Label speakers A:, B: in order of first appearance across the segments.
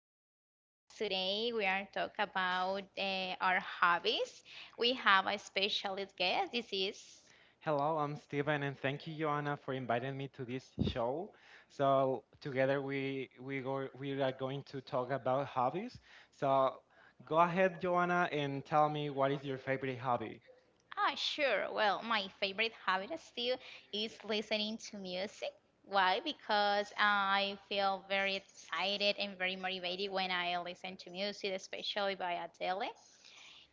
A: our podcast. Today we are talking about our hobbies. We have a specialist guest. This is
B: Hello, I'm Steven, and thank you, Joanna, for inviting me to this show. So together we are going to talk about hobbies. So go ahead, Joanna, and tell me what is your favorite hobby.
A: ah sure. Well, my favorite hobby still is listening to music. Why? Because I feel very excited and very motivated when I listen to music, especially by Adele.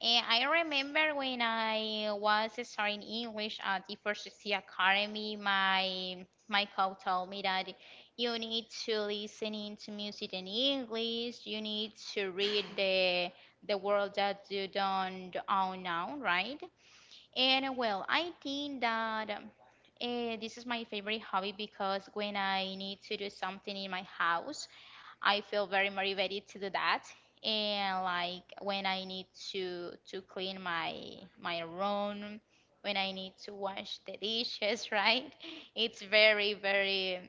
A: And I remember when I was studying English at the First C Academy, my coach told me that you need to listen into music in English. You need to read the world that you don't own now, right? And well, I think that this is my favorite hobby because when I need to do something in my house, I feel very motivated to do that. And like when I need to clean my room, when I need to wash the dishes, right? It's very very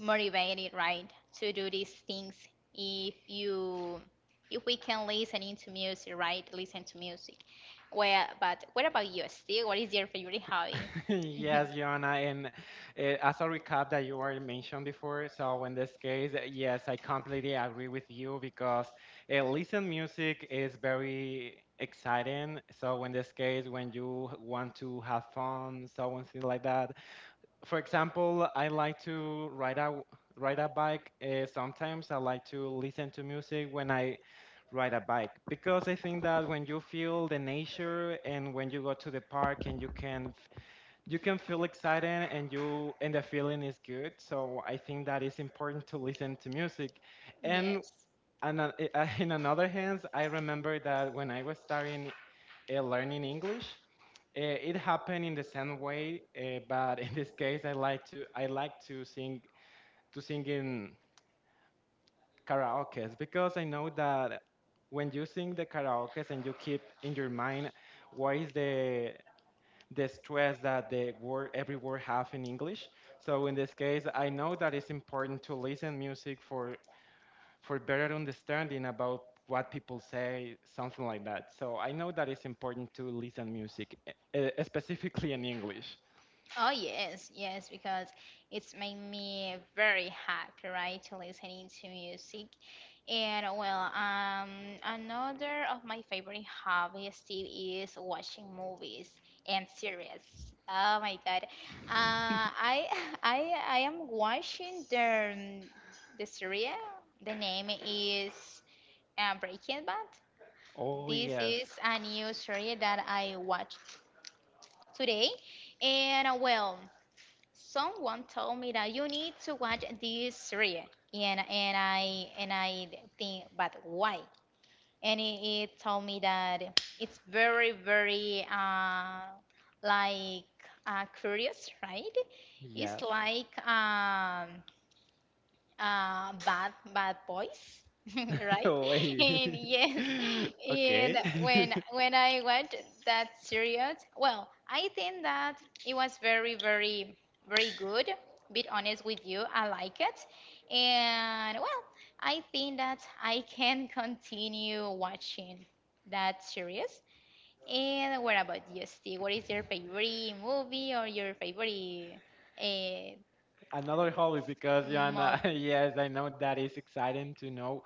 A: motivated, right, to do these things. If you if we can listen into music, right? Listen to music. Well, but what about you, Steve? What is your favorite hobby?
B: Yes, Joanna, and as a recap that you already mentioned before, so in this case, yes, I completely agree with you because listen music is very exciting. So in this case, when you want to have fun, so and things like that, for example, I like to ride a bike. Sometimes I like to listen to music when I ride a bike because I think that when you feel the nature and when you go to the park and you can feel excited and you and the feeling is good. So I think that it's important to listen to music. And
A: Yes.
B: and in another hands, I remember that when I was starting learning English, it happened in the same way, but in this case, I like to sing in karaoke because I know that when you sing the karaoke and you keep in your mind what is the stress that the word every word have in English. So in this case, I know that it's important to listen music for better understanding about what people say, something like that. So I know that it's important to listen music, specifically in English.
A: Oh yes, yes, because it's made me very happy, right, to listening to music. And well, another of my favorite hobbies still is watching movies and series. Oh my God, I I am watching the series. The name is Breaking Bad.
B: Oh
A: This
B: yes,
A: is a new series that I watched today, and well. Someone told me that you need to watch this series, and I think, but why? And it told me that it's very very like curious, right? It's
B: yes.
A: like bad boys right
B: Wait.
A: and yes and
B: Okay.
A: when I watched that series well I think that it was very very very good be honest with you I like it and well I think that I can continue watching that series and what about you Steve what is your favorite movie or your favorite uh,
B: Another hobby because
A: mug.
B: Yana, yes, I know that is exciting to know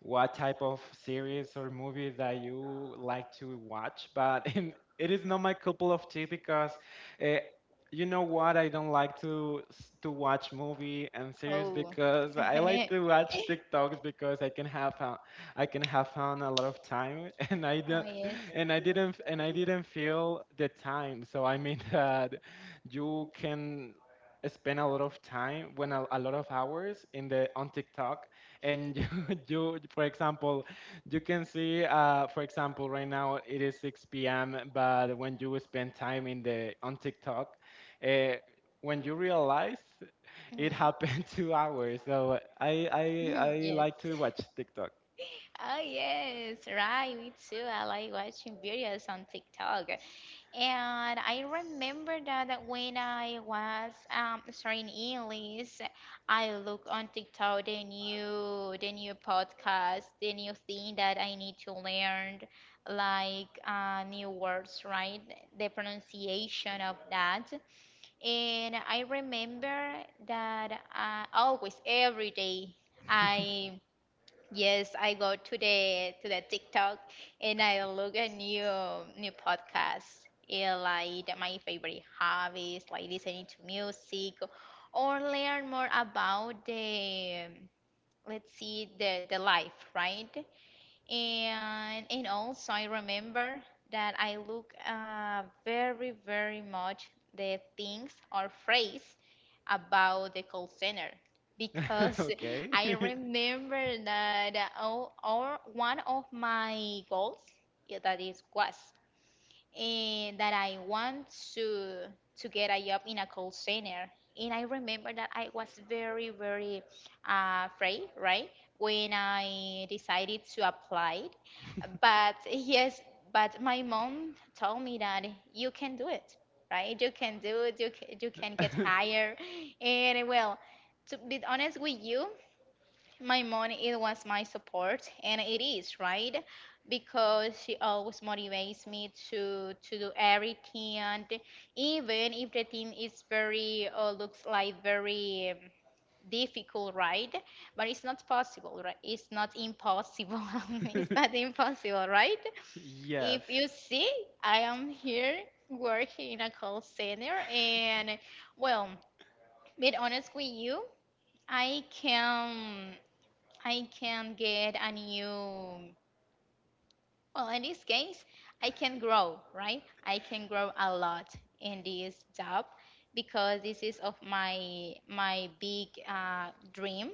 B: what type of series or movies that you like to watch, but it is not my cup of tea because uh, you know what? I don't like to watch movie and series
A: Oh.
B: because I like to watch TikToks because I can have fun, I can have fun a lot of time and I
A: Oh,
B: don't,
A: yes.
B: and I didn't feel the time. So I mean that you can spend a lot of time when a lot of hours in the on TikTok and you for example you can see for example right now it is 6 p.m. but when you spend time in the on TikTok uh, when you realize it
A: Mhm.
B: happened 2 hours so I
A: Yes.
B: like to watch TikTok
A: Oh, yes, right. Me too. I like watching videos on TikTok. And I remember that when I was studying English, I look on TikTok the new podcast, the new thing that I need to learn, like new words, right? The pronunciation of that. And I remember that always every day I yes, I go to the TikTok and I look at new podcasts and like my favorite hobbies, like listening to music or learn more about the let's see the life, right? And also I remember that I look very very much the things or phrase about the call center because I
B: okay
A: remember that all one of my goals yeah, that is was and that I want to to get a job in a call center. And I remember that I was very, very afraid, right, when I decided to apply. But yes, but my mom told me that you can do it, right? You can do it. You can get hired. And well, to be honest with you, my mom, it was my support, and it is, right? Because she always motivates me to do everything, and even if the thing is very looks like very difficult, right? But it's not possible, right? It's not impossible. It's not impossible, right? If
B: Yes.
A: you see, I am here working in a call center, and well, be honest with you, I can. I can get a new, well, in this case, I can grow, right? I can grow a lot in this job because this is of my big dream.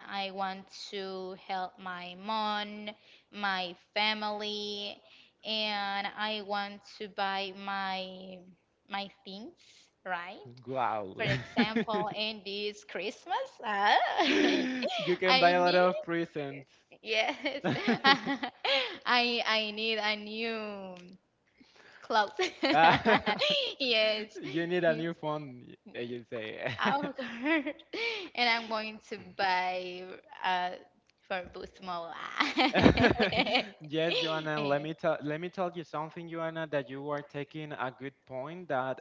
A: I want to help my mom, my family, and I want to buy my things, right?
B: Wow.
A: For example, in this Christmas,
B: You can buy
A: I
B: a lot
A: need.
B: of presents.
A: Yes. I need a new clothes.
B: Uh,
A: Yes.
B: you need a
A: Yes.
B: new phone, you say.
A: Of course. And I'm going to buy uh for Bootsmall.
B: Yes, Joanna, let me tell you something, Joanna, that you are taking a good point that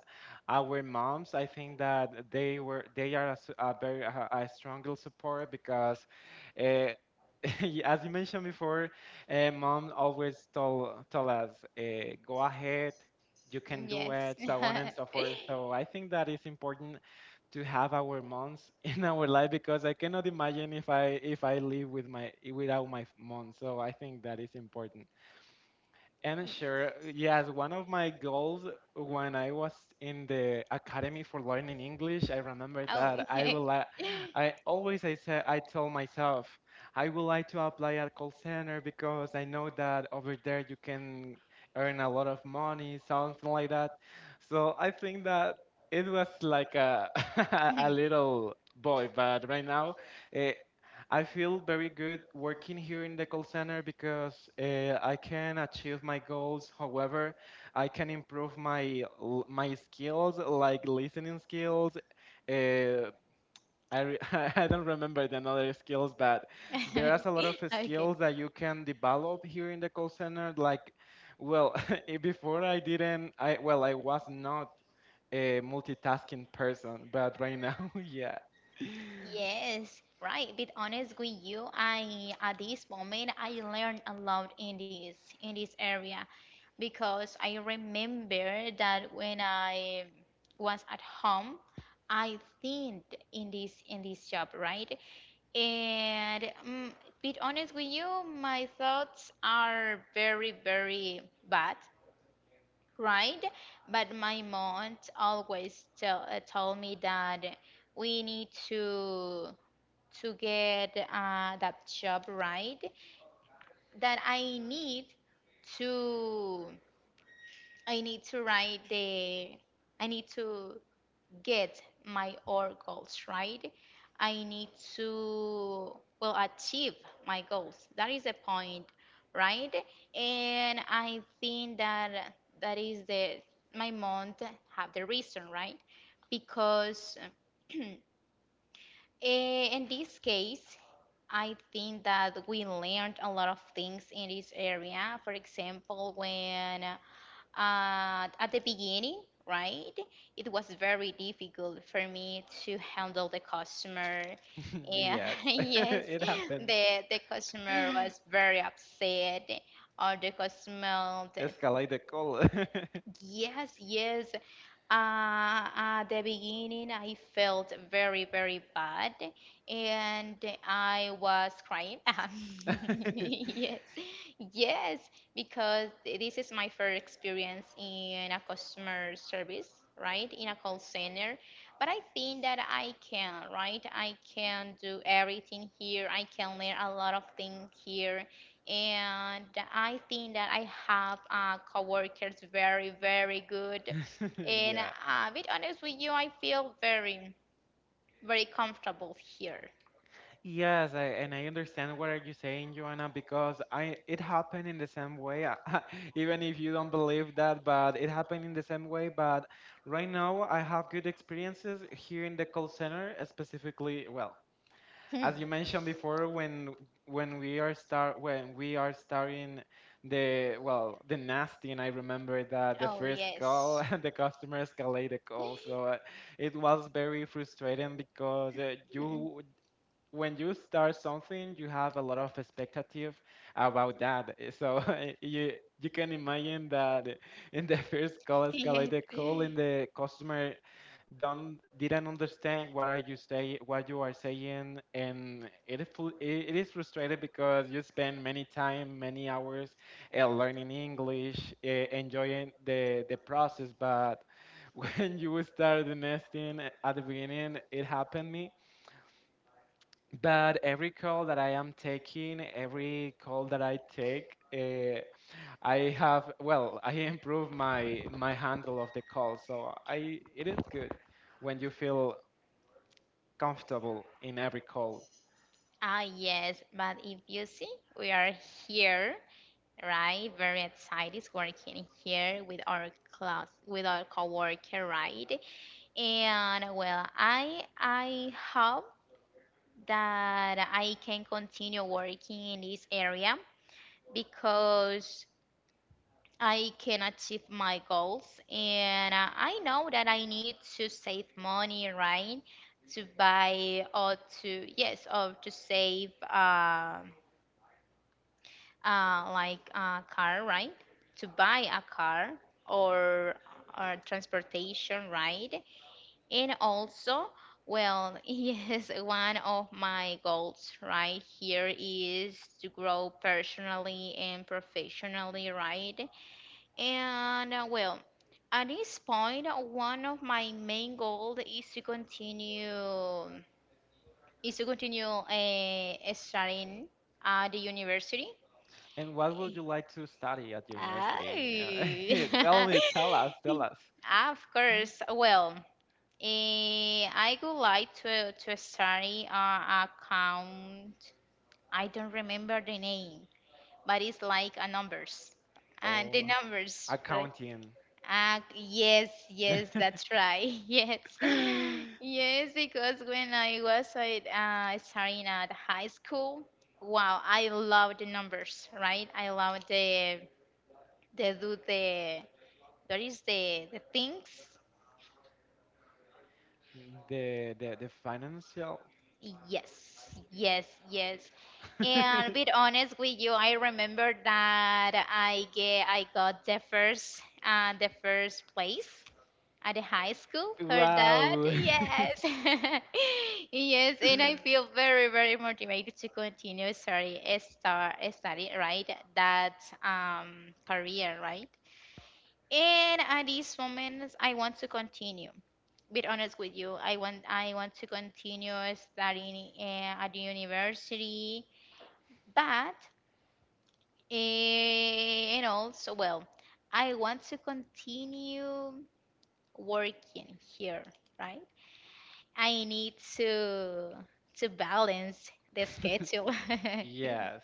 B: our moms, I think that they are a, s- a very a stronger support because uh, as you mentioned before, mom always told us, go ahead, you can do
A: Yes.
B: it, so on and so forth. So I think that is important to have our moms in our life because I cannot imagine if I live without mom. So I think that is important. And sure, yes, one of my goals when I was in the Academy for Learning English, I remember
A: Oh,
B: that I
A: okay.
B: will, I always I said I told myself I would like to apply at call center because I know that over there you can earn a lot of money, something like that. So I think that it was like a a little boy, but right now. uh, I feel very good working here in the call center because I can achieve my goals. However, I can improve my skills, like listening skills. Uh, I re- I don't remember the other skills, but there is a lot of
A: Okay.
B: skills that you can develop here in the call center. Like, well, before I didn't. I well, I was not a multitasking person, but right now, yeah.
A: Yes, right. Be honest with you, I at this moment I learned a lot in this area because I remember that when I was at home, I think in this job, right? And be honest with you, my thoughts are very very bad, right? But my mom always tell told me that we need to get that job right that to I need to write the I need to get my or goals right. I need to well achieve my goals. That is the point, right? And I think that is the my month have the reason, right? Because eh, in this case, I think that we learned a lot of things in this area. For example, when at the beginning, right, it was very difficult for me to handle the customer. And
B: Yes,
A: yes,
B: it happened.
A: the customer was very upset, or the customer,
B: Escalate the call.
A: yes, yes, at the beginning, I felt very, very bad, and I was crying. Yes, yes, because this is my first experience in a customer service, right? In a call center. But I think that I can, right? I can do everything here. I can learn a lot of things here. And I think that I have coworkers very, very good and
B: Yeah.
A: be honest with you, I feel very, very comfortable here.
B: Yes, and I understand what are you saying, Joanna, because I it happened in the same way. Even if you don't believe that, but it happened in the same way. But right now, I have good experiences here in the call center, specifically. Well, as you mentioned
A: Hmm.
B: before when we are starting the nasting. I remember that the
A: Oh,
B: first
A: yes.
B: call the customer escalated the call so it was very frustrating because
A: Hmm.
B: you when you start something you have a lot of expectative about that. So you you can imagine that in the first call
A: Yes.
B: escalated call in the customer don't didn't understand what you are saying and it is frustrated because you spend many hours learning English enjoying the process but when you start the nesting at the beginning it happened me but every call that I take I have well, I improve my handle of the call so I it is good when you feel comfortable in every call.
A: Ah, yes, but if you see, we are here, right? Very excited working here with our class, with our coworker, right? And well, I hope that I can continue working in this area because I can achieve my goals. And I know that I need to save money, right? To buy or to, yes, or to save like a car, right? To buy a car or, or transportation, right? And also, well, yes, one of my goals right here is to grow personally and professionally, right? And well, at this point, one of my main goals is to continue studying at the university.
B: And what would you like to study at
A: Ah,
B: university? Tell me, tell us, tell us.
A: of course. Well, eh, I would like to study account. I don't remember the name, but it's like a numbers, and the
B: Oh,
A: numbers. Right.
B: accounting.
A: Yes,
B: the,
A: yes, that's right. Yes, yes, because when I was at, studying at high school, wow, I love the numbers, right? I love the do the there is the things.
B: the financial.
A: Yes, yes, yes. And be honest with you, I remember that I get I got the first place at the high school. Heard that?
B: Wow.
A: Yes. Yes, and I feel very, very motivated to continue sorry, start study, right? That career, right? And at these moments, I want to continue. Be honest with you, I want to continue studying at the university, but eh, and also well, I want to continue working here, right? I need to balance the schedule.
B: Yes.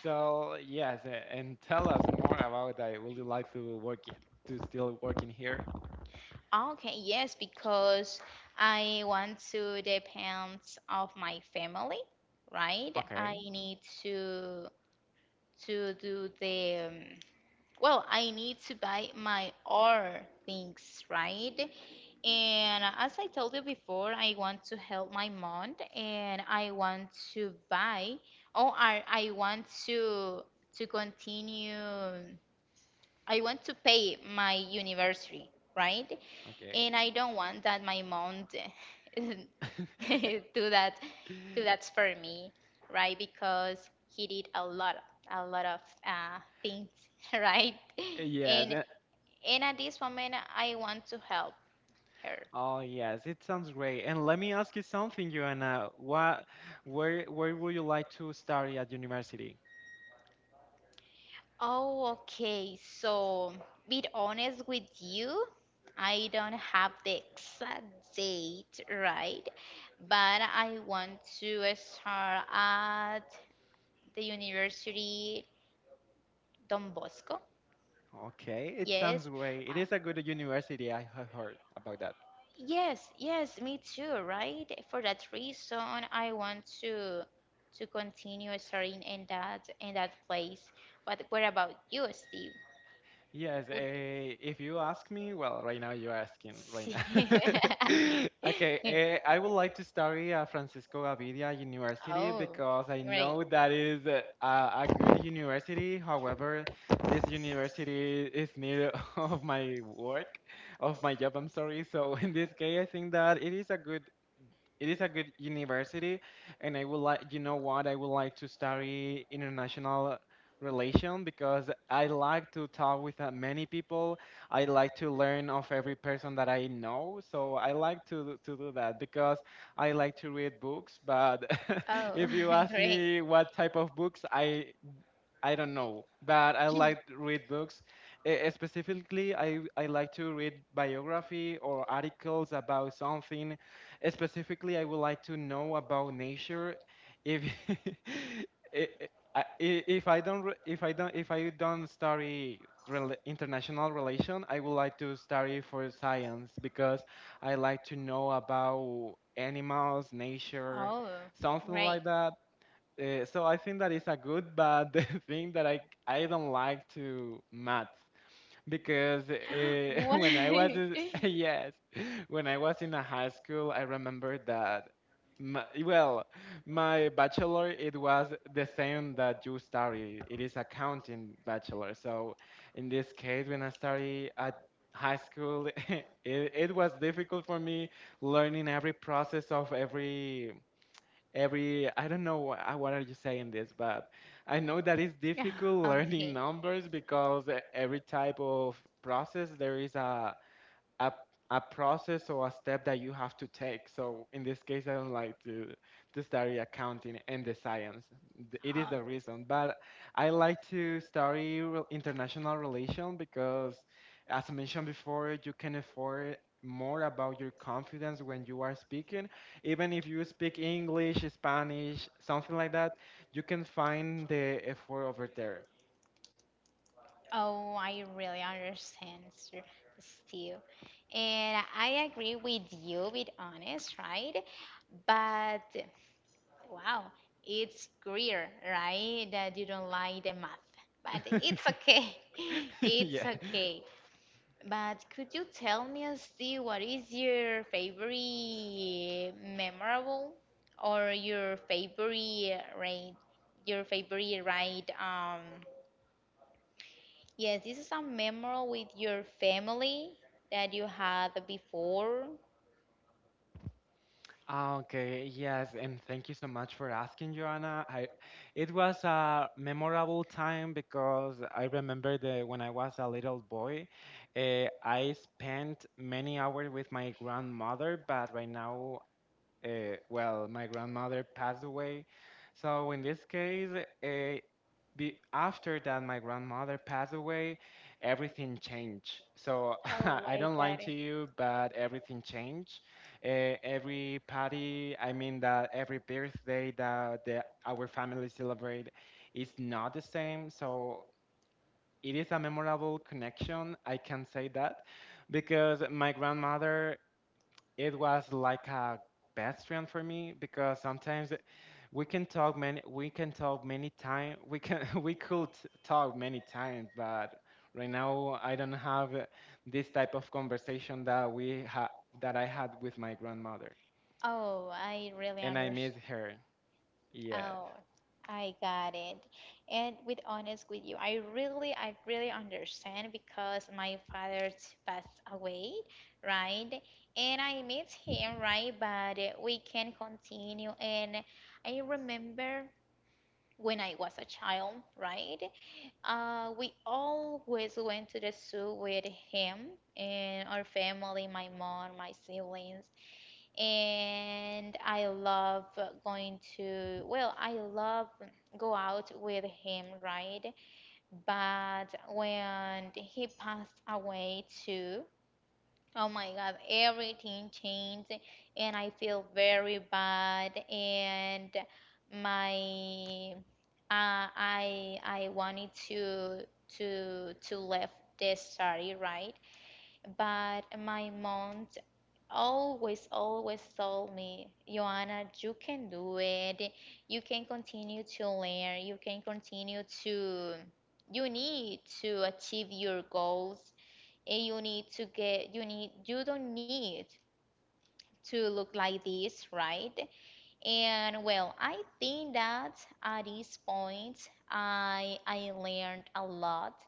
B: So yes, and tell us more about that. Would you like to work to still work in here?
A: Okay, yes, because I want to depend of my family, right? I
B: Okay.
A: need to do the well, I need to buy my own things, right? And as I told you before, I want to help my mom and I want to buy or I want to continue I want to pay my university, right?
B: Okay.
A: And I don't want that my mom d- do that do that for me, right? Because he did a lot of things, right? And
B: Yes.
A: and at this moment, I want to help her.
B: Oh yes, it sounds great. And let me ask you something, Joanna. Where would you like to study at university?
A: Oh, okay. So, be honest with you, I don't have the exact date, right? But I want to start at the University Don Bosco.
B: Okay, it sounds
A: Yes,
B: great. It
A: I,
B: is a good university. I have heard about that.
A: yes, yes, me too, right? For that reason, I want to continue studying in that place. But what about you, Steve?
B: Yes,
A: Would
B: if you ask me, well, right now you're asking right now. Okay, I would like to study at Francisco Gavidia University
A: oh,
B: because I
A: right.
B: know that is a good university. However, this university is near of my work, of my job, I'm sorry. So in this case, I think that it is a good university, and I would like, you know what, I would like to study international relation because I like to talk with many people. I like to learn of every person that I know, so I like to do that because I like to read books. But
A: Oh,
B: if you ask
A: great.
B: me what type of books, I don't know, but I like to read books. Specifically, I like to read biography or articles about something. Specifically, I would like to know about nature. If i- i- I- if I don't study international relation, I would like to study for science because I like to know about animals, nature,
A: Oh,
B: something
A: great.
B: like that. So I think that is a good, but the thing that I don't like to math because when I was
A: Why?
B: in- yes, when I was in a high school, I remember that well, my bachelor it was the same that you study. It is accounting bachelor. So in this case, when I study at high school, it was difficult for me learning every process of every I don't know what are you saying this, but I know that it's
A: Yeah,
B: difficult learning
A: okay.
B: numbers because every type of process there is a a process or a step that you have to take. So in this case, I don't like to study accounting and the science. It is the reason, but I like to study international relation because, as I mentioned before, you can afford more about your confidence when you are speaking even if you speak English Spanish something like that you can find the effort over there.
A: Oh, oh, I really understand, Sir Steve. And I agree with you, with honest, right? But wow, it's clear, right? That you don't like the math. But it's okay. It's
B: Yeah.
A: okay. But could you tell me, Steve, what is your favorite memorable or your favorite ride? Your favorite ride? Yes, this is a memorable with your family that you had before.
B: Okay, yes, and thank you so much for asking, Joanna. I It was a memorable time because I remember that when I was a little boy, I spent many hours with my grandmother, but right now well, my grandmother passed away. So in this case, uh, after that my grandmother passed away, everything changed. So
A: Oh,
B: I
A: I
B: don't lie
A: got it.
B: to you, but everything changed. Every party, I mean that every birthday that our family celebrate is not the same. So it is a memorable connection, I can say that, because my grandmother it was like a best friend for me because sometimes we can talk many times we can we could talk many times but right now I don't have this type of conversation that that I had with my grandmother
A: Oh, I really
B: and I miss
A: understand.
B: her. Yes.
A: Oh, I got it. And with honest with you, I really understand because my father passed away, right? And I miss him, right? But we can continue. And I remember when I was a child, right? We always went to the zoo with him and our family, my mom, my siblings and I love going to, well, I love go out with him, right? But when he passed away too, oh my God, everything changed and I feel very bad and my I wanted to left this study, right? But my mom always, always told me, Joanna, you can do it. You can continue to learn. You can continue to, you need to achieve your goals. And you need to get, you need, you don't need to look like this, right? And well, I think that at this point, I learned a lot.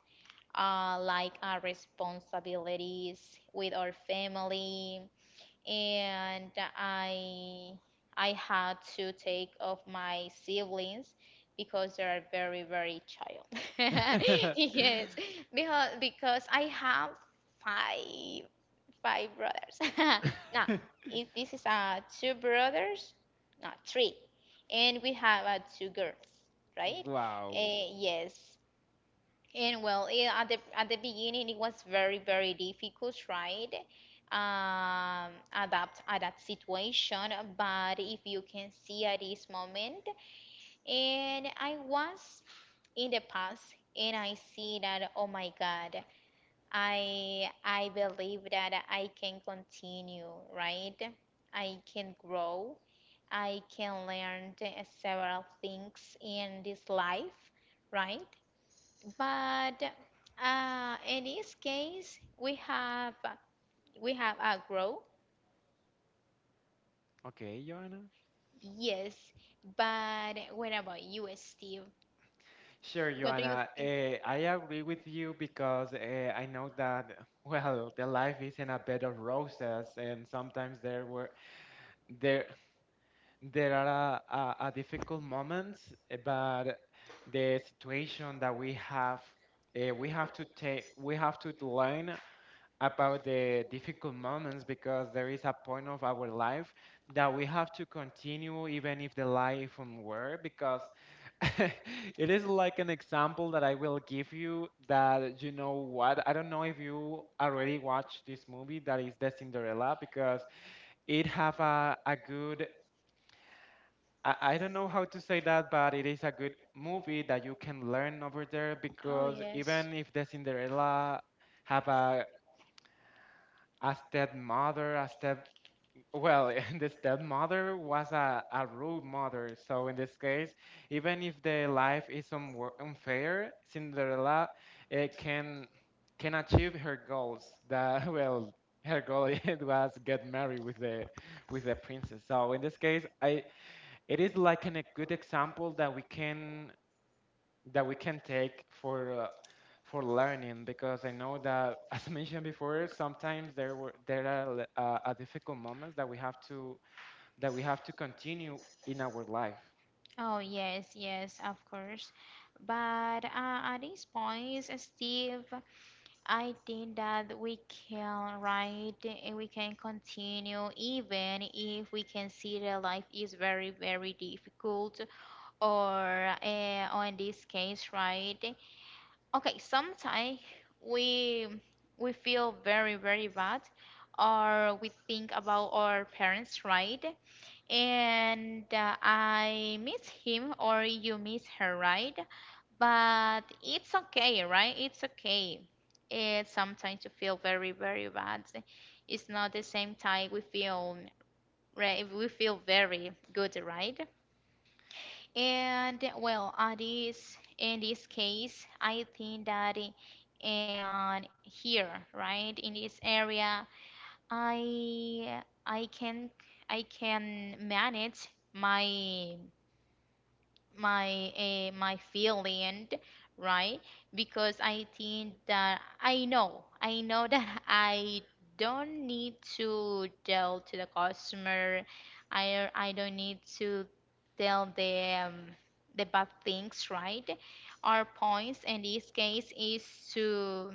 A: Like our responsibilities with our family, and I I had to take of my siblings because they are very very child. Yes, because I have five five brothers. Now, if this is two brothers, not three, and we have two girls, right?
B: Wow.
A: Yes, and well, yeah, at the beginning, it was very, very difficult, right? Adapt situation. But if you can see at this moment, and I was in the past, and I see that, oh my God, I believe that I can continue, right? I can grow. I can learn several things in this life, right? But in this case, we have agro,
B: Okay, Joanna.
A: yes. But what about you, Steve?
B: Sure,
A: What do you
B: Joanna.
A: think?
B: I agree with you because I know that well, the life isn't a bed of roses, and sometimes there were there there are a difficult moments, but the situation that we have to take, we have to learn about the difficult moments because there is a point of our life that we have to continue even if the life won't work because it is like an example that I will give you that you know what, I don't know if you already watched this movie that is the Cinderella because it have a good I don't know how to say that, but it is a good movie that you can learn over there
A: Oh
B: because
A: yes.
B: even if the Cinderella have a stepmother, a step well, the stepmother was a rude mother, so in this case, even if the life is unfair, Cinderella uh, can can achieve her goals. That well, her goal it was get married with the princess. So in this case, I it is like a good example that we can take for. For learning because I know that as I mentioned before, sometimes there are a difficult moments that we have to continue in our life.
A: Oh yes, yes, of course. But at this point, Steve, I think that we can write and we can continue even if we can see that life is very, very difficult or in this case, right? Okay, sometimes we we feel very, very bad or we think about our parents, right? And I miss him or you miss her, right? But it's okay, right? It's okay. It's sometimes to feel very, very bad. It's not the same time we feel right, we feel very good, right? And well, at this in this case, I think that and here, right, in this area, I I can I can manage my my feeling right because I think that I know that I don't need to tell to the customer I don't need to tell them the bad things right. Our points in this case is to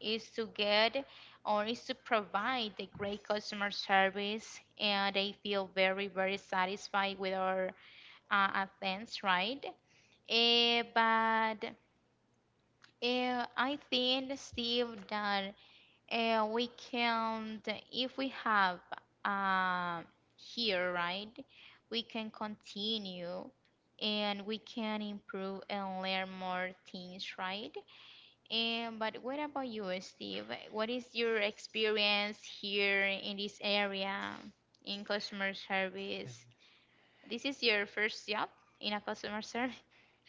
A: to get or is to provide the great customer service and they feel very very satisfied with our events, right. But I think, Steve, that we can, if we have uh, here, right, we can continue and we can improve and learn more things, right? And but what about you, Steve? What is your experience here in this area in customer service? This is your first job in a customer service?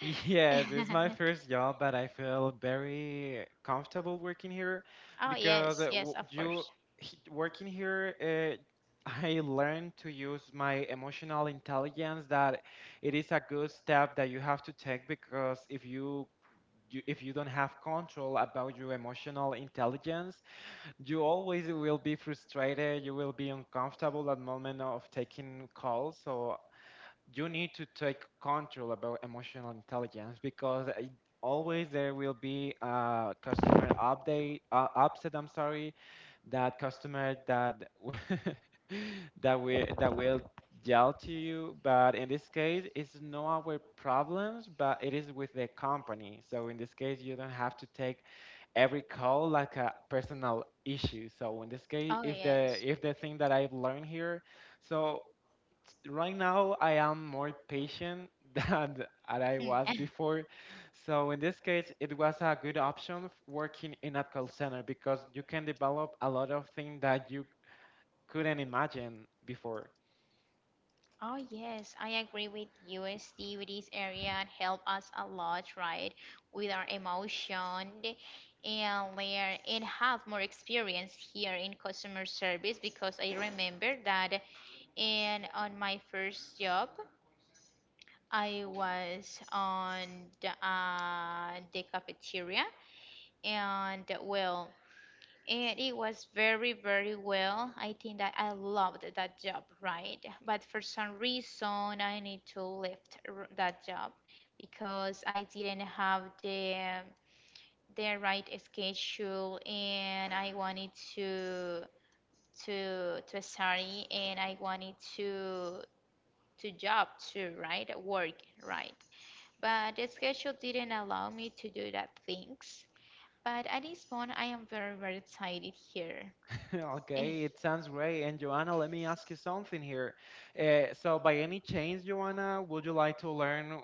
B: Yes, it's my first job, but I feel very comfortable working here
A: Oh
B: because
A: yes, yes, of
B: you
A: course.
B: working here, I learned to use my emotional intelligence that it is a good step that you have to take because if you you if you don't have control about your emotional intelligence, you always will be frustrated. You will be uncomfortable at moment of taking calls. So you need to take control about emotional intelligence because always there will be a customer update upset, I'm sorry, that customer that that will yell to you, but in this case it's not our problems, but it is with the company. So in this case, you don't have to take every call like a personal issue. So in this case,
A: Oh yes.
B: if the thing that I've learned here, so right now I am more patient than I
A: Hmm.
B: was before. So in this case, it was a good option working in a call center because you can develop a lot of things that you couldn't imagine before.
A: Oh yes, I agree with USD, with this area and help us a lot, right? With our emotion and layer and have more experience here in customer service because I remember that and on my first job I was on the cafeteria, and well and it was very very well. I think that I loved that job, right? But for some reason I need to left that job because I didn't have the right schedule and I wanted to study and I wanted to job too right work right, but the schedule didn't allow me to do that things. But at this point, I am very, very excited here. Eh,
B: Okay, it sounds great. And Joanna, let me ask you something here. So by any chance, Joanna, would you like to learn,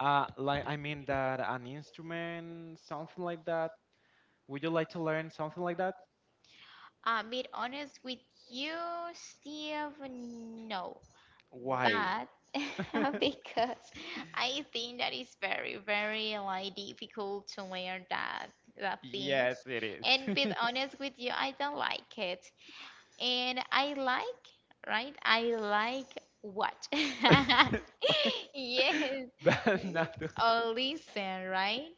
B: like I mean that an instrument, something like that? Would you like to learn something like that?
A: I be honest with you, Steve, no.
B: Why?
A: But because I think that is very, very like difficult to learn that things.
B: Yes, it
A: And be
B: is.
A: honest with you, I don't like it. And I like, right? I like what? Yes,
B: But not to-
A: or listen, right?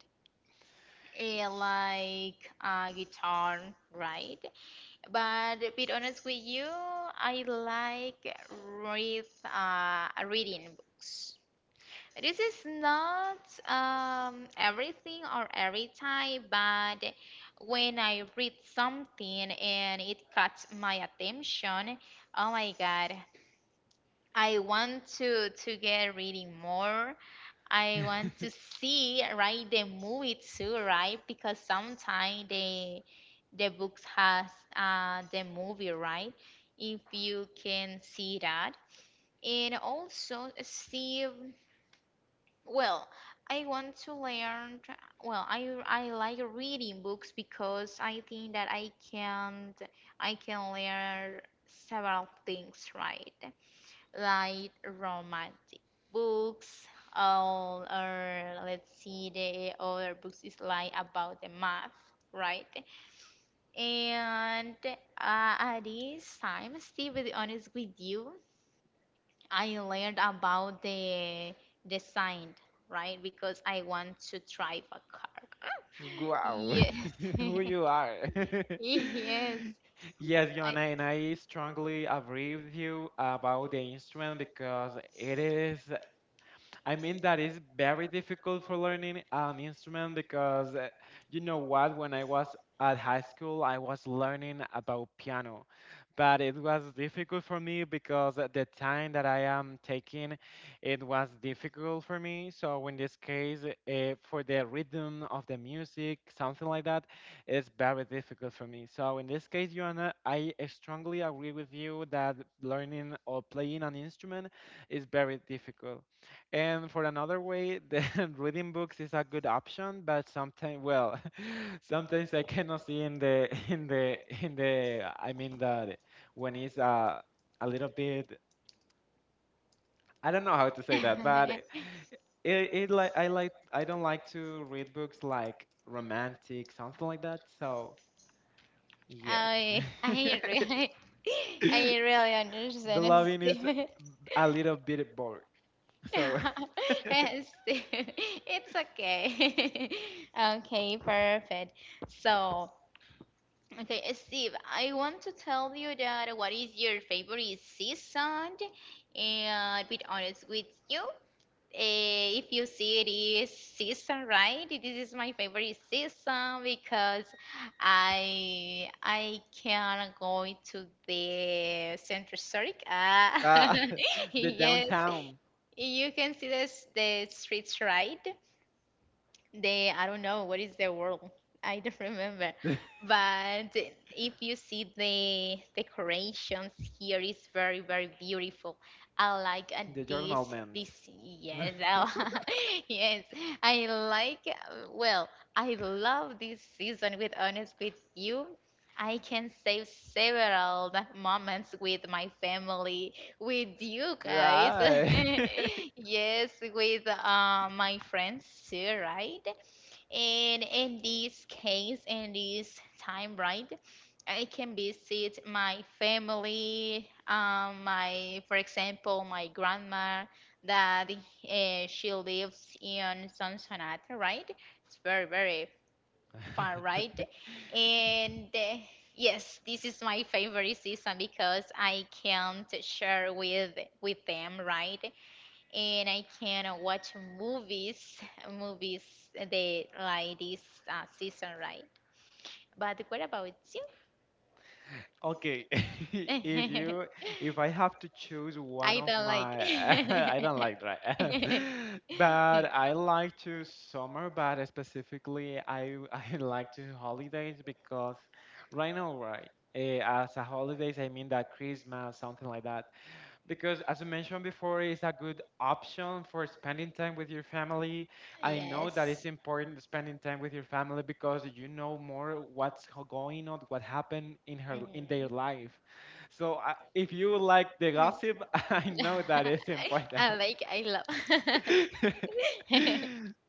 A: Like guitar, right? But to be honest with you, I like reading books. This is not everything or every time, but when I read something and it caught my attention, oh my God, I want to get reading more. I want to see right the movie too, right? Because sometimes the books has the movie, right? If you can see that, and also see well, I want to learn. Well, I like reading books because I think that I can learn several things, right? Like romantic books all or let's see the other books is like about the math, right? And at this time, still be really honest with you, I learned about the design, right, because I want to drive a car.
B: wow,
A: Yes.
B: who you are.
A: Yes.
B: Yes,
A: I
B: Joanna, and I strongly agree with you about the instrument because it is I mean, that is very difficult for learning an instrument because you know what? When I was at high school, I was learning about piano, but it was difficult for me because at the time that I am taking, it was difficult for me. So in this case, for the rhythm of the music, something like that, it's very difficult for me. So in this case, Joanna, I strongly agree with you that learning or playing an instrument is very difficult. And for another way, then reading books is a good option, but sometimes, well, sometimes I cannot see in the in the I mean that when it's a little bit, I don't know how to say that, but it like I don't like to read books like romantic, something like that. So yes,
A: I really
B: the
A: I really understand,
B: loving is
A: Steve.
B: a little bit boring. So
A: Yes, Steve. It's okay. Okay, perfect. So, okay, Steve, I want to tell you that what is your favorite season? And be honest with you, if you see it is season, right? This is my favorite season because I can go to the center circ. Ah,
B: uh, the
A: yes,
B: downtown,
A: you can see this the streets, right? the I don't know what is the word. I don't remember. But if you see the decorations here is very very beautiful. I like
B: the
A: this
B: journal meant.
A: this yes I, yes I like well I love this season with honest with you. I can save several moments with my family, with you guys.
B: Yeah.
A: Yes, with my friends too, right? And in this case, in this time, right, I can visit my family, my, for example, my grandma that she lives in Sonsonate, right? It's very, very fun, right? And yes, this is my favorite season because I can share with them, right? And I can watch movies, movies they like this season, right? But what about you?
B: Okay. If you if I have to choose one
A: I
B: of
A: don't like.
B: my I don't like dry. But I like to summer, but specifically I I like to holidays because right now, right? As a holidays, I mean that Christmas, something like that. Because as I mentioned before, it's a good option for spending time with your family. I know that it's
A: Yes.
B: important spending time with your family because you know more what's going on, what happened
A: Mm. Mm.
B: in their life. So if you like the gossip, I know that it's important.
A: I like, I love.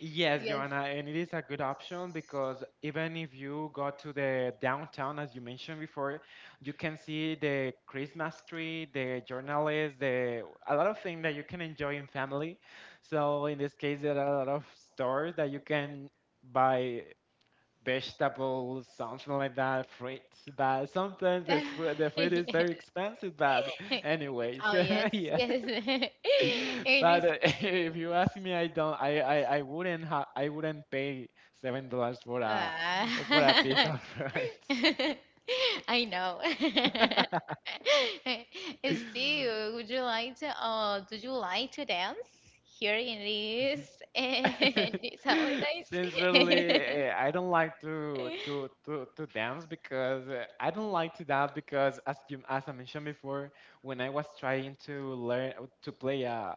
B: Yes,
A: Yes. Yeah.
B: Joanna, and it is a good option because even if you go to the downtown, as you mentioned before, you can see the Christmas tree, the journalists, the a lot of things that you can enjoy in family. So in this case, there are a lot of stores that you can buy vegetables, something like that, fruits. But sometimes the fruit is very expensive. But anyways,
A: Oh, yes,
B: yeah.
A: yes. It is.
B: But if you ask me, I don't. I wouldn't have. I wouldn't pay $7 for a piece
A: Ah.
B: of fruit.
A: I know. Steve, would you like to? Do you like to dance here in this and these holidays?
B: Sincerely, I don't like to dance because I don't like to dance because as I mentioned before, when I was trying to learn to play a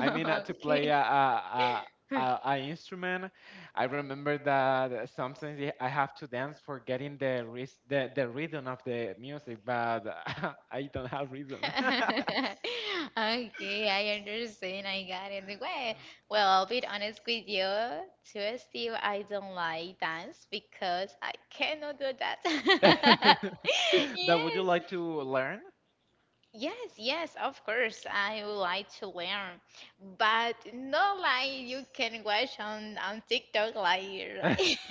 B: I mean, to play
A: Okay.
B: a instrument, I remember that sometimes I have to dance for getting the rhythm of the music, but I don't have rhythm.
A: Okay, I understand. I got it. Well, I'll be honest with you. To Steve, I don't like dance because I cannot do that.
B: But would you
A: Yes.
B: like to learn?
A: Yes, yes, of course. I would like to learn, but not like you can watch on TikTok like,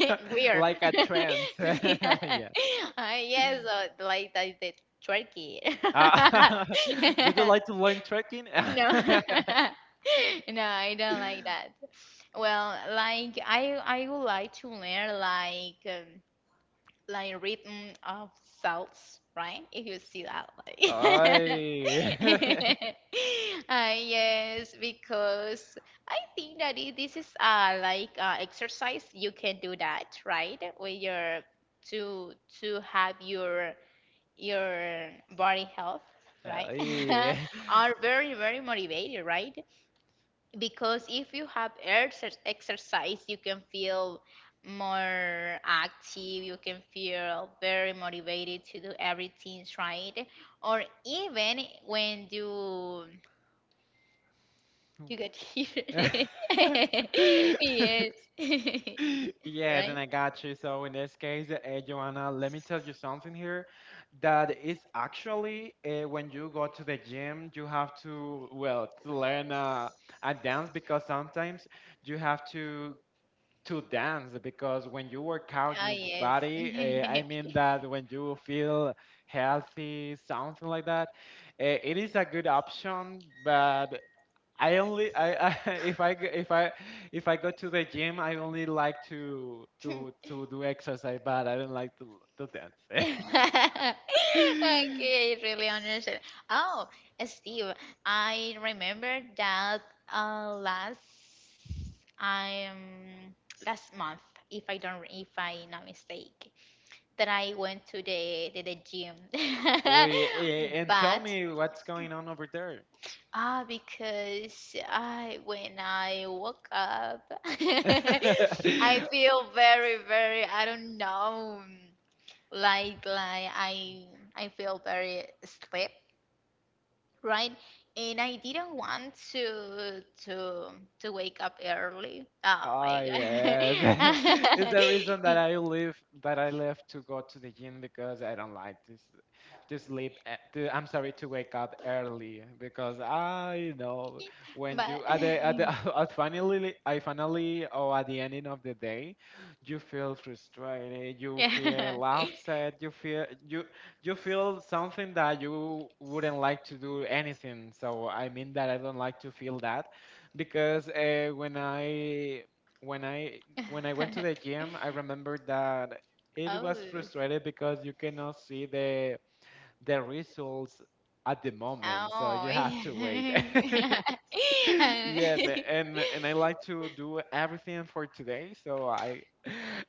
A: like weird.
B: Like a trance.
A: Yeah.
B: Yeah.
A: Yes, like that the turkey.
B: Uh, would you like to learn trekking?
A: No. No, I don't like that. Well, like I would like to learn like rhythm of cells, right? If you see that, like
B: Ay.
A: yes, because I think that this is like exercise you can do that, right? With your to to have your body health, right? Are very very motivated, right? Because if you have exercise you can feel more active, you can feel very motivated to do everything right or even when you get
B: Ay.
A: here. Yes.
B: Yes, and
A: Right.
B: I got you. So in this case, Joanna, let me tell you something here. That is actually when you go to the gym, you have to well to learn a dance because sometimes you have to dance because when you work out
A: Ah,
B: your
A: yes.
B: body, I mean that when you feel healthy, something like that, it is a good option. But I only I if I go to the gym, I only like to do exercise, but I don't like to dance.
A: Okay, I really understand. Oh, Steve, I remember that last um last month, if I don't if I not mistake, that I went to the gym.
B: Oy, and tell
A: But
B: me what's going on over there.
A: ah, because I when I woke up, I feel very, very, I don't know, like I feel very sleep, right? And I didn't want to wake up early. Oh
B: Oh
A: my God.
B: yes, it's the reason that I live that I left to go to the gym because I don't like to sleep. I'm sorry, to wake up early because I know when
A: But
B: you at the at finally I finally or at the ending of the day, you feel frustrated, you
A: yeah.
B: feel upset, you feel you you feel something that you wouldn't like to do anything. So I mean that I don't like to feel that because when I went to the gym, I remember that it
A: Oh.
B: was frustrated because you cannot see the results at the moment, so
A: Oh.
B: you have to wait.
A: Yeah.
B: Yes, a- and I like to do everything for today, so I.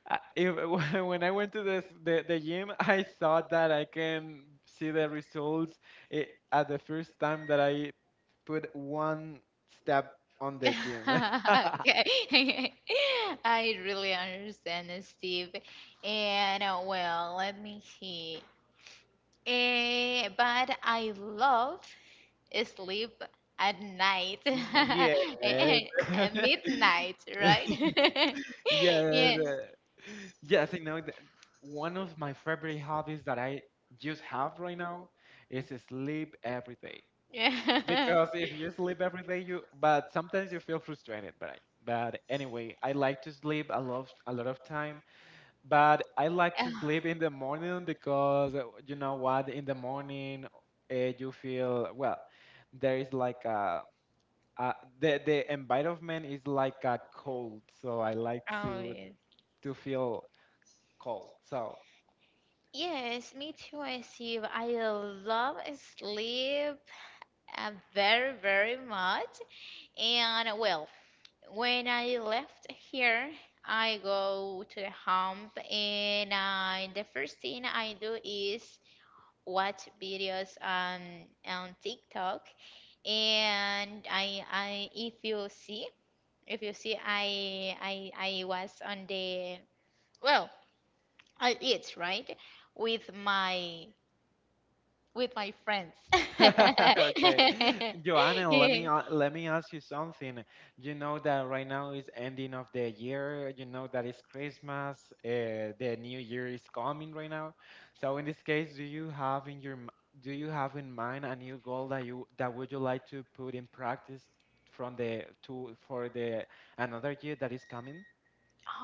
B: I- If, when I went to the gym, I thought that I can see the results at the first time that I put one step on the gym.
A: Okay. I really understand, Steve. And well, let me see. But I love sleep at night,
B: Yes.
A: Midnight, right?
B: Yes.
A: Yeah.
B: Yes, I know that one of my favorite hobbies that I just have right now is sleep every day.
A: Yeah.
B: Because if you sleep every day, you but sometimes you feel frustrated, but anyway, I like to sleep a lot of time, but I like to sleep in the morning because you know what, in the morning you feel well, there is like a Uh, the environment is like a cold, so I like
A: Oh,
B: to
A: yes.
B: to feel cold. So
A: Yes, me too, I see. I love sleep very, very much. And well, when I left here, I go to the home and I, the first thing I do is watch videos on TikTok. And I if you see If you see, I was on the well, I eat right with my with my friends.
B: okay, Joanna,
A: Yeah.
B: let me ask you something. You know that right now is ending of the year. You know that it's Christmas. The new year is coming right now. So in this case, do you have in mind a new goal that you that would you like to put in practice from the to for the another year that is coming?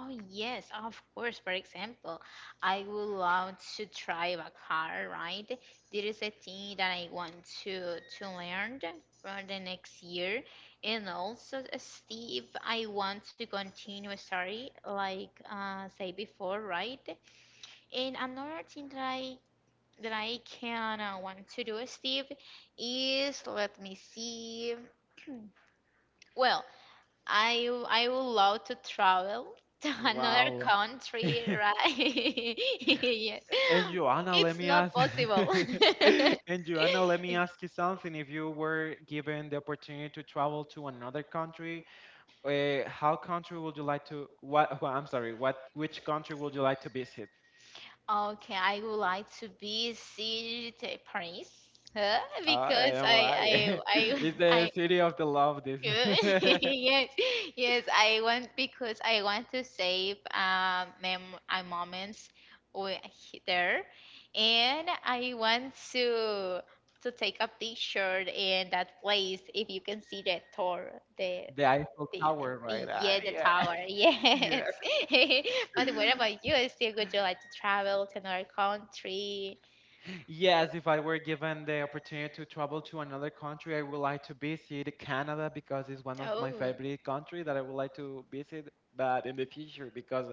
A: Oh yes, of course. For example, I would love to drive a car, right? There is a thing that I want to learn for the next year. And also, Steve, I want to continue study, like say before, right? And another thing that I can want to do, Steve, is let me see. Well, I would love to travel to another
B: Wow.
A: country, right? Yes.
B: And Joanna, let
A: It's
B: me
A: not
B: ask.
A: possible.
B: And Joanna, let me ask you something. If you were given the opportunity to travel to another country, how country would you like to? What? I'm sorry. What? Which country would you like to visit?
A: Okay, I would like to visit Paris, huh?
B: I don't
A: Because
B: know
A: I
B: why.
A: I I
B: It's the
A: I
B: city of the love.
A: good.
B: The
A: Yes, yes. I want because I want to save mem moments with there, and I want to take a picture in that place. If you can see the tower, the
B: Eiffel
A: the
B: Tower,
A: the
B: right?
A: yeah the
B: Yeah,
A: tower. Yes. But what
B: yeah.
A: about you? Still, would you like to travel to another country?
B: Yes, if I were given the opportunity to travel to another country, I would like to visit Canada because it's one of
A: Oh.
B: my favorite countries that I would like to visit, but in the future because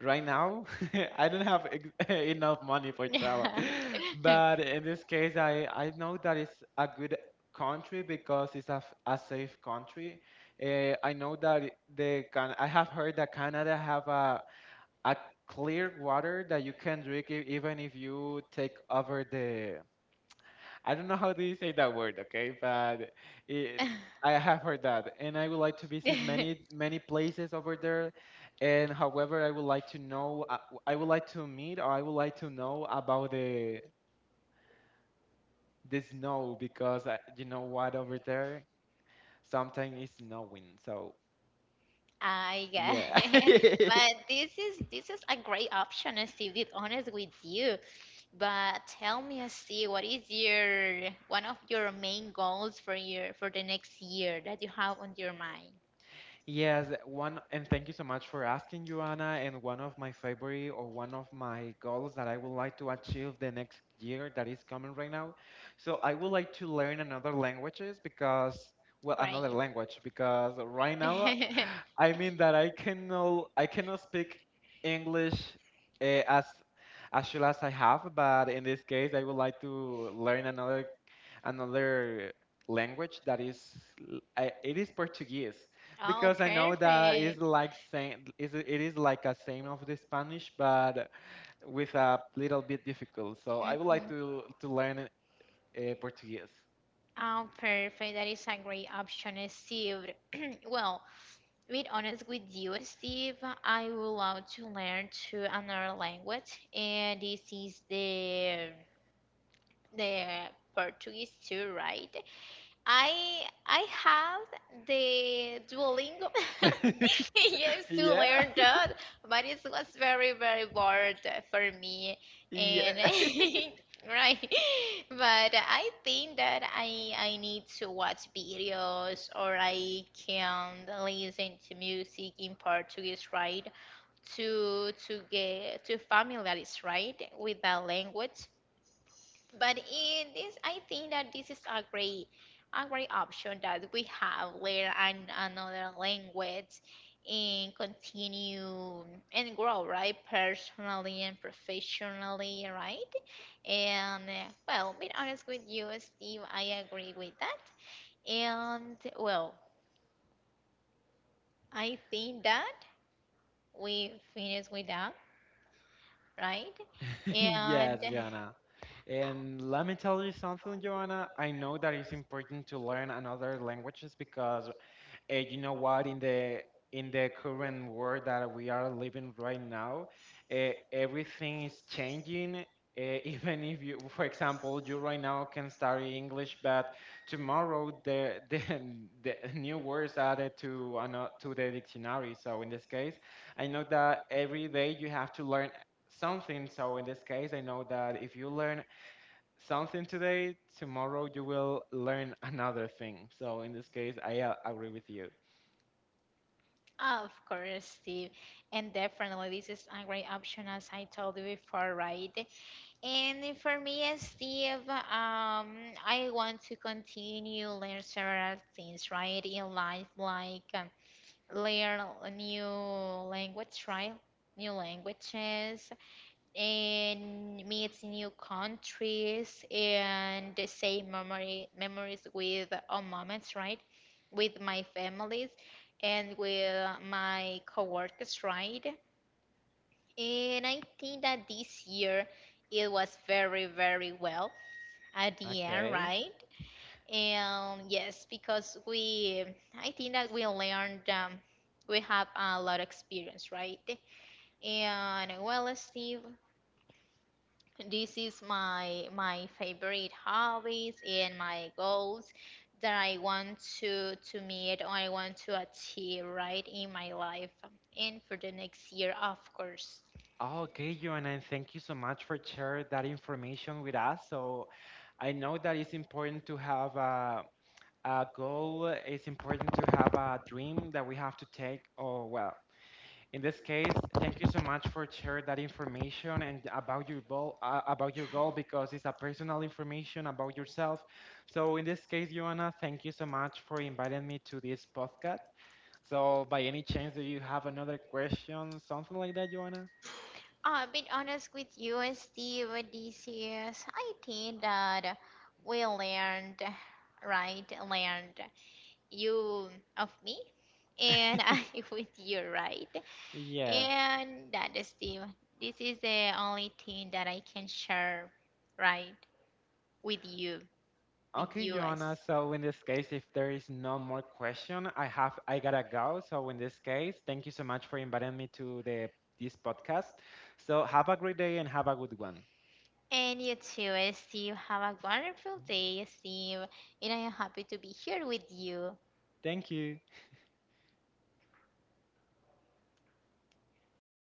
B: right now I don't have ex enough money for
A: Yeah.
B: travel. But in this case, I know that it's a good country because it's a safe country. I know that it- the Can I have heard that Canada have a clear water that you can drink even if you take over the, I don't know how do you say that word, okay? But it, I have heard that, and I would like to visit many many places over there. And however, I would like to know, I would like to meet, or I would like to know about the snow because you know what, over there sometimes it's snowing. So
A: I get
B: yeah.
A: it. But this is a great option, Steve, to be honest with you. But tell me, Steve, what is your one of your main goals for the next year that you have on your mind?
B: Yes, one, and thank you so much for asking, Joanna. And one of my favorite or one of my goals that I would like to achieve the next year that is coming right now. So I would like to learn another languages because, well,
A: Great.
B: another language because right now, I mean that I cannot speak English uh, as as well as I have, but in this case, I would like to learn another language that is l- I- it is Portuguese
A: Oh,
B: because I know that is
A: perfect.
B: like same is it is like a same of the Spanish but with a little bit difficult. So I would like
A: Mhm.
B: to learn Portuguese.
A: Oh, perfect. That is a great option, Steve. Well, to be honest with you, Steve, I would love to learn to another language, and this is the Portuguese too, right? I have the Duolingo, yes, to
B: Yeah,
A: learn that, but it was very very bored for me and
B: yeah,
A: right. But I think that I need to watch videos or I can listen to music in Portuguese, right? To get to familiarize right with the language, but in this, I think that this is a great option that we have learn another language and continue and grow, right? Personally and professionally, right? And well, being honest with you, Steve, I agree with that. And well, I think that we finished with that, right?
B: yes,
A: And
B: Joanna. And let me tell you something, Joanna. I know that it's important to learn another languages because you know what, in the current world that we are living right now, everything is changing, even if you, for example, you right now can study English, but tomorrow the the new words added to the dictionary. So in this case, I know that every day you have to learn something. So in this case, I know that if you learn something today, tomorrow you will learn another thing. So in this case, I agree with you.
A: of course, Steve. And definitely, this is a great option, as I told you before, right? And for me, as Steve, I want to continue learn several things, right, in life, like learn new language, right? New languages, and meets new countries and the same memory memories with all moments, right? With my families and with my coworkers, right? And I think that this year it was very, very well at the end,
B: Okay.
A: right? And yes, because we, I think that we learned, we have a lot of experience, right? And well, Steve, this is my favorite hobbies and my goals that I want to meet or I want to achieve right in my life and for the next year, of course.
B: Okay, Joanna, thank you so much for sharing that information with us. So I know that it's important to have a goal. It's important to have a dream that we have to take. Oh, well, in this case, thank you so much for sharing that information and about your goal because it's a personal information about yourself. So in this case, Joanna, thank you so much for inviting me to this podcast. So by any chance, do you have another question, something like that, Joanna?
A: I'll be honest with you, Steve. This is, I think that we learned, right? Learned you of me and I with you, right?
B: Yes.
A: And that is the this is the only thing that I can share, right, with you, with
B: Okay,
A: you guys.
B: Joanna. So in this case, if there is no more question, I gotta go. So in this case, thank you so much for inviting me to the this podcast. So have a great day and have a good one.
A: And you too, Steve. Have a wonderful day, Steve. And I am happy to be here with you.
B: Thank you.